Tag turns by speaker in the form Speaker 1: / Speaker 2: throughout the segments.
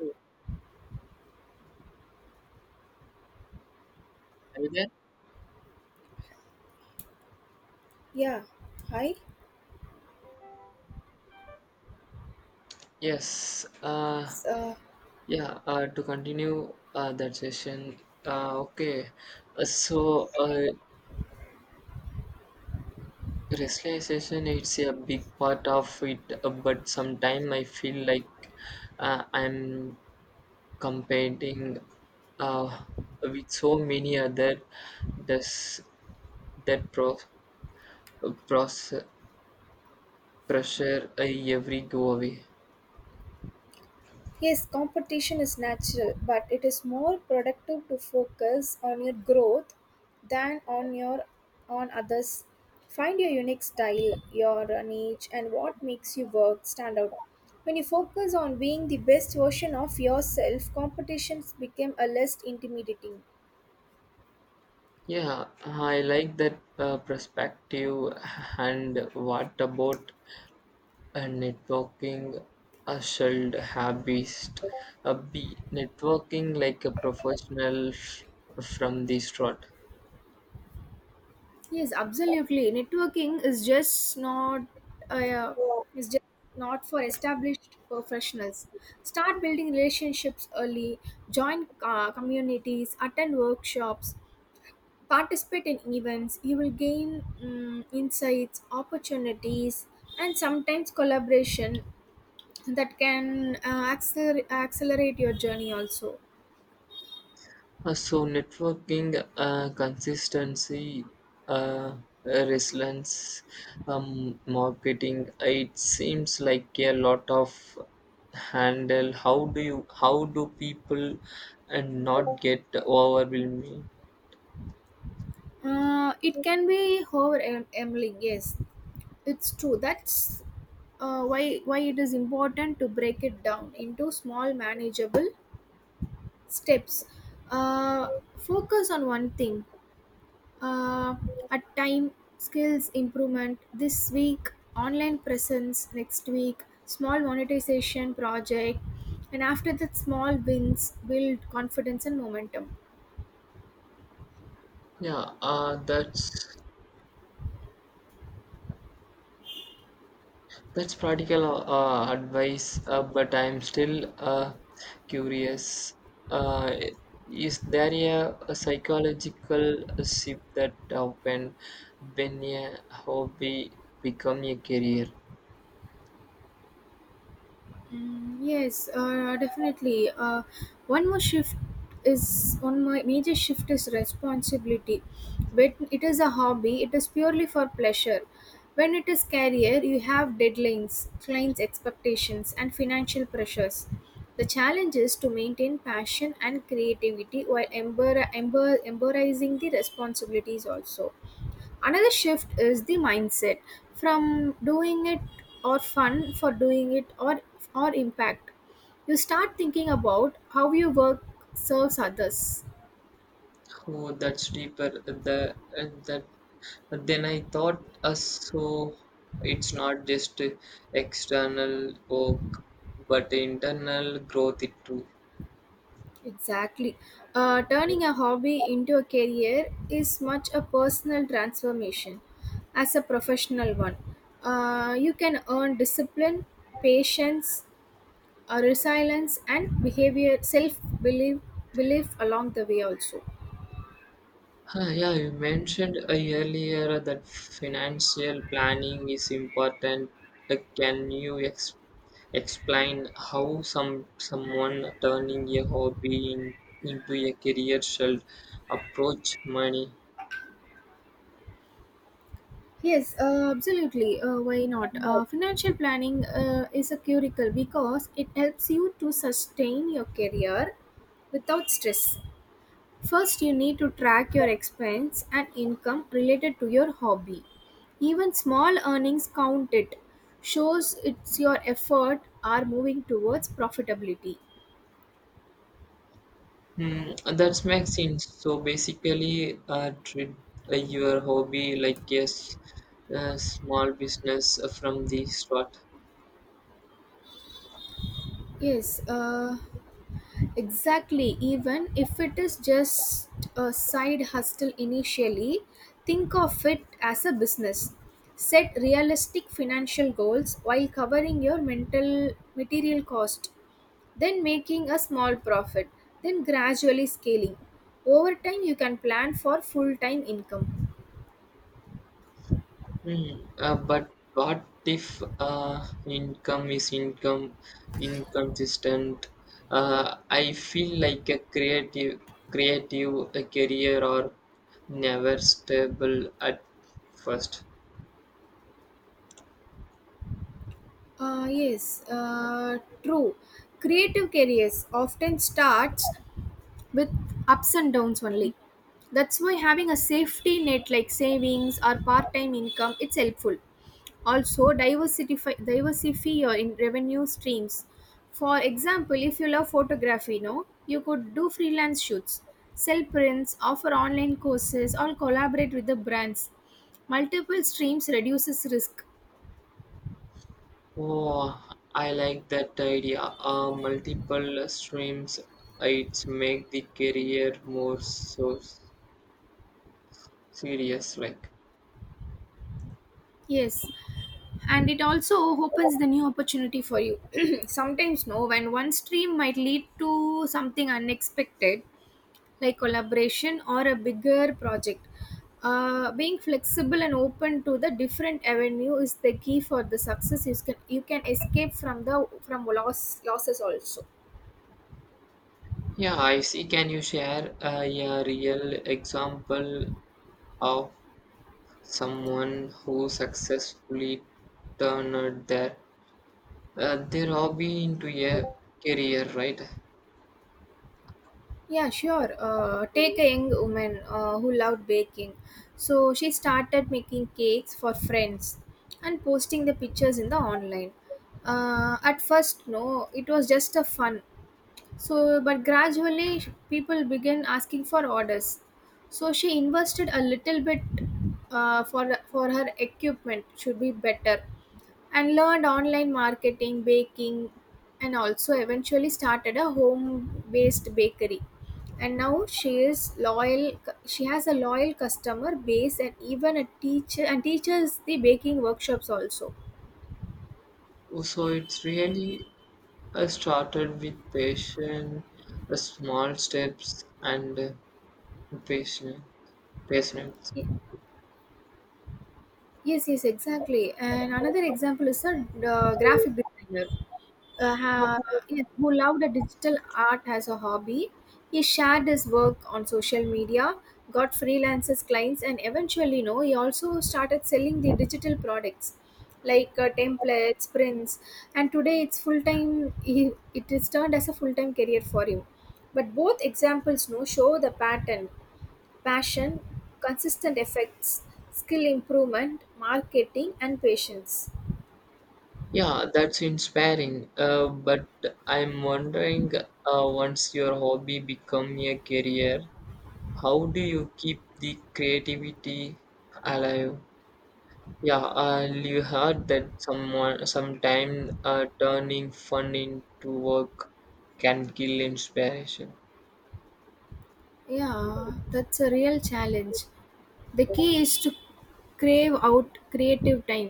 Speaker 1: Are you there?
Speaker 2: Yeah, hi.
Speaker 1: Yes.
Speaker 2: S- Uh,
Speaker 1: Yeah. To continue that session. Uh, okay. Uh, so uh, Racialization, it's a big part of it, but sometimes I feel like I'm competing uh, with so many other, does that process pressure I every go away.
Speaker 2: yes, competition is natural, but it is more productive to focus on your growth than on your on others. Find your unique style, your niche, and what makes you work stand out. When you focus on being the best version of yourself, competitions become a less intimidating.
Speaker 1: Yeah, I like that perspective. And what about networking? Should hobbies be networking like a professional from the start?
Speaker 2: Yes, absolutely. Networking is just not uh, yeah, is just not for established professionals. Start building relationships early. Join communities. Attend workshops. Participate in events. You will gain insights, opportunities, and sometimes collaboration that can accelerate your journey. Also,
Speaker 1: So networking, consistency, uh, resilience, marketing. It seems like a lot of handle. How do you? How do people and not get overwhelmed?
Speaker 2: it can be overwhelming. Yes, it's true. That's why it is important to break it down into small manageable steps. Uh, Focus on one thing uh, at time. Skills improvement this week. Online presence next week. Small monetization project, and after that, small wins build confidence and momentum.
Speaker 1: Yeah, uh, that's That's practical advice, but I'm still curious. Uh, is there a psychological shift that happen when a hobby become a career?
Speaker 2: Yes, definitely. One more shift one my major shift is responsibility. When it is a hobby, it is purely for pleasure. When it is career, you have deadlines, clients' expectations, and financial pressures. The challenge is to maintain passion and creativity while embracing the responsibilities also. Another shift is the mindset from doing it or fun for doing it or impact. You start thinking about how your work serves others.
Speaker 1: Oh, that's deeper. The that then I thought. So it's not just external work, but internal growth it too.
Speaker 2: Exactly. Turning a hobby into a career is much a personal transformation as a professional one. You can earn discipline, patience, resilience, and behavior self belief belief along the way also.
Speaker 1: Huh, yeah, you mentioned earlier that financial planning is important. Like, can you explain how someone turning a hobby in, into a career should approach money?
Speaker 2: Yes, absolutely. Why not? Financial planning is a curricle because it helps you to sustain your career without stress. First, you need to track your expense and income related to your hobby. Even small earnings count it. Shows it's your effort are moving towards profitability.
Speaker 1: Hmm, that makes sense. So basically, treat your hobby like a small business from the start.
Speaker 2: Yes, exactly, even if it is just a side hustle initially, think of it as a business. Set realistic financial goals while covering your mental material cost, then making a small profit, then gradually scaling. Over time, you can plan for full time income.
Speaker 1: Hmm, but what if income inconsistent? I feel like a creative career or never stable at first.
Speaker 2: Yes, true. Creative careers often starts with ups and downs only. That's why having a safety net like savings or part-time income it's helpful. Also diversify your in revenue streams. For example, if you love photography, no, you could do freelance shoots, sell prints, offer online courses, or collaborate with the brands. Multiple streams reduces risk.
Speaker 1: Oh, I like that idea. Multiple streams, it make the career more so serious. Like,
Speaker 2: Yes, and it also opens the new opportunity for you sometimes no when one stream might lead to something unexpected like collaboration or a bigger project, being flexible and open to the different avenue is the key for the success. You can escape from the from loss losses also.
Speaker 1: yeah, I see. Can you share a real example of someone who successfully turned their hobby into a career, right?
Speaker 2: Yeah, sure. Take a young woman who loved baking. So she started making cakes for friends and posting the pictures in the online. At first, no, it was just a fun. So, but gradually people began asking for orders. So she invested a little bit for her equipment should be better and learned online marketing, baking, and also eventually started a home-based bakery. And now she is loyal. She has a loyal customer base, and even a teacher and teaches the baking workshops also.
Speaker 1: So it's really started with passion, small steps, and patience. Patience.
Speaker 2: Ye- Yes, yes, exactly. And another example is a graphic designer. uh, ha- yes, who loved the digital art as a hobby. He shared his work on social media, got freelancers clients, and eventually, you know, he also started selling the digital products like templates, prints, and today it's full time. He it is turned as a full time career for him. But both examples, no, show the pattern, passion, consistent effects, skill improvement, marketing, and patience.
Speaker 1: Yeah, that's inspiring. But I'm wondering, once your hobby become a career, how do you keep the creativity alive? Yeah, you heard that someone sometime turning fun into work can kill inspiration.
Speaker 2: Yeah, that's a real challenge. The key is to crave out creative time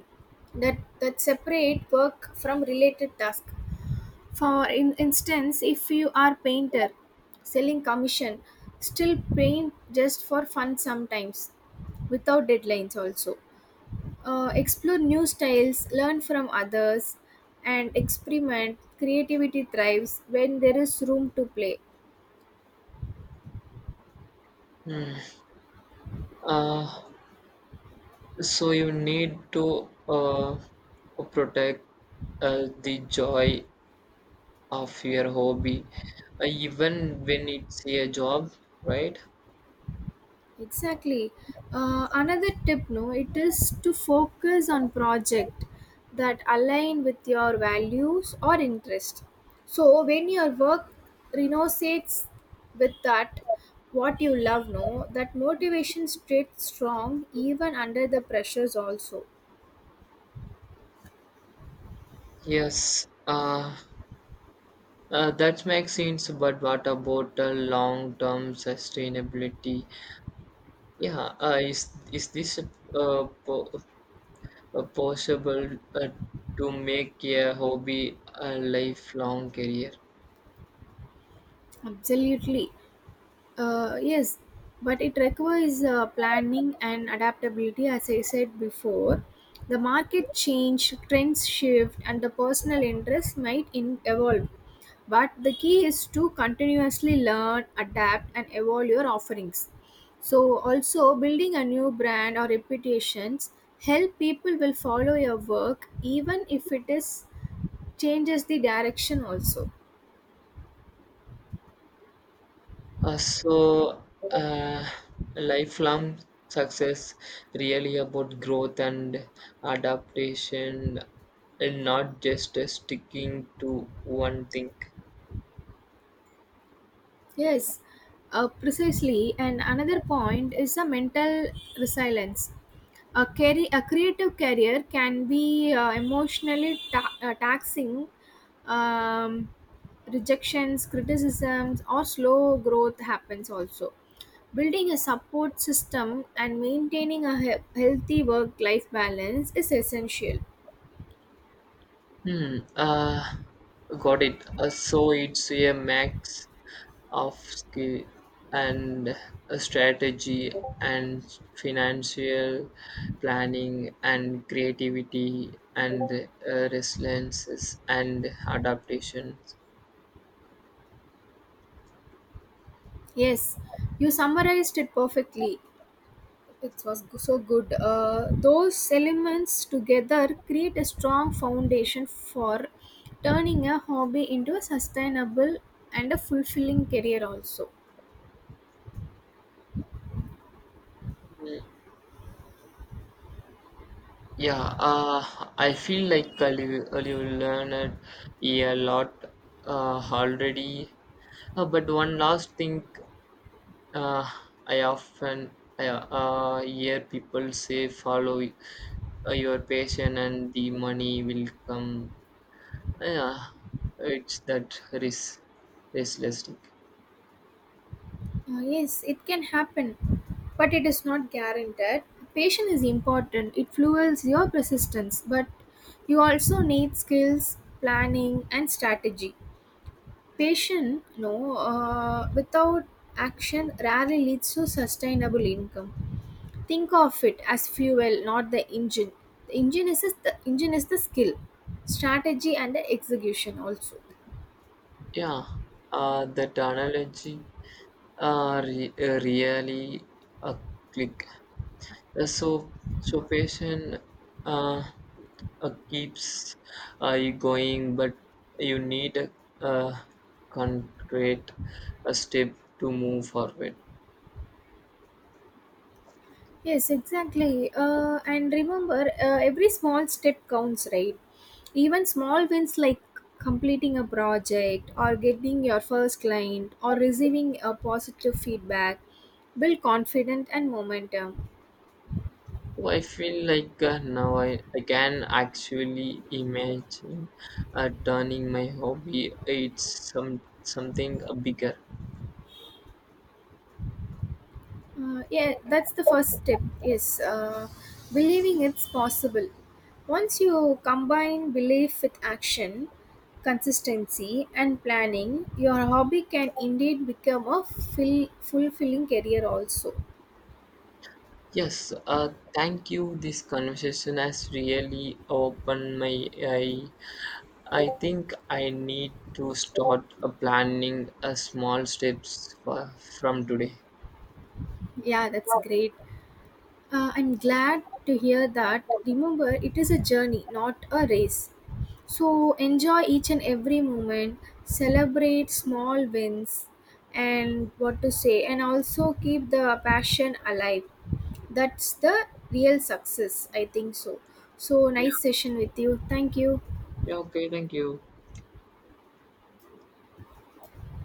Speaker 2: that separate work from related tasks. For in instance if you are painter selling commission, still paint just for fun sometimes without deadlines also. Explore new styles, learn from others, and experiment. Creativity thrives when there is room to play.
Speaker 1: Hmm. Uh, so you need to protect the joy of your hobby, even when it's a job, right?
Speaker 2: Exactly. Another tip, no, it is to focus on project that align with your values or interest. So when your work resonates with that, what you love, no, that motivation stays strong even under the pressures also.
Speaker 1: Yes, that makes sense, but what about the long-term sustainability? Yeah, is this possible uh, to make a hobby a lifelong career.
Speaker 2: Absolutely. Yes, but it requires planning and adaptability, as I said before. The market change, trends shift, and the personal interest might evolve. But the key is to continuously learn, adapt, and evolve your offerings. So, also building a new brand or reputations help people will follow your work even if it is changes the direction also.
Speaker 1: Uh, so, uh, Lifelong success really about growth and adaptation, and not just sticking to one thing.
Speaker 2: Yes, precisely. And another point is the mental resilience. A, carry, a creative career can be emotionally taxing. Um, Rejections, criticisms, or slow growth happens also. Building a support system and maintaining a healthy work life balance is essential.
Speaker 1: Hmm. Got it. So it's a max of skill and a strategy and financial planning and creativity and resilience and adaptations.
Speaker 2: Yes, you summarized it perfectly. It was so good. Those elements together create a strong foundation for turning a hobby into a sustainable and a fulfilling career, also.
Speaker 1: Mm, yeah, I feel like uh, you learned a lot already. But one last thing. Uh, I often hear people say, follow your passion and the money will come. Yeah, it's that risk, restlessness.
Speaker 2: Yes, it can happen, but it is not guaranteed. Patience is important, it fuels your persistence, but you also need skills, planning, and strategy. Patience, no, without action rarely leads to sustainable income. Think of it as fuel, not the engine. The engine is the engine is the skill, strategy, and the execution also.
Speaker 1: Yeah, that analogy really a click. So passion, uh, keeps you going, but you need a, uh concrete a step to move forward.
Speaker 2: Yes, exactly, and remember, every small step counts, right? Even small wins like completing a project or getting your first client or receiving a positive feedback build confidence and momentum.
Speaker 1: Oh, I feel like now I can actually imagine turning my hobby it's some something bigger.
Speaker 2: Yeah, that's the first step is believing it's possible. Once you combine belief with action, consistency, and planning, your hobby can indeed become a fulfilling career, also.
Speaker 1: Yes, thank you. This conversation has really opened my eye. I think I need to start planning small steps for, from today.
Speaker 2: Yeah, that's great. I'm glad to hear that. Remember, it is a journey, not a race. So enjoy each and every moment, celebrate small wins, and what to say, and also keep the passion alive. That's the real success, I think so. So,
Speaker 1: Yeah,
Speaker 2: nice session with you. Thank you.
Speaker 1: yeah, okay, thank you.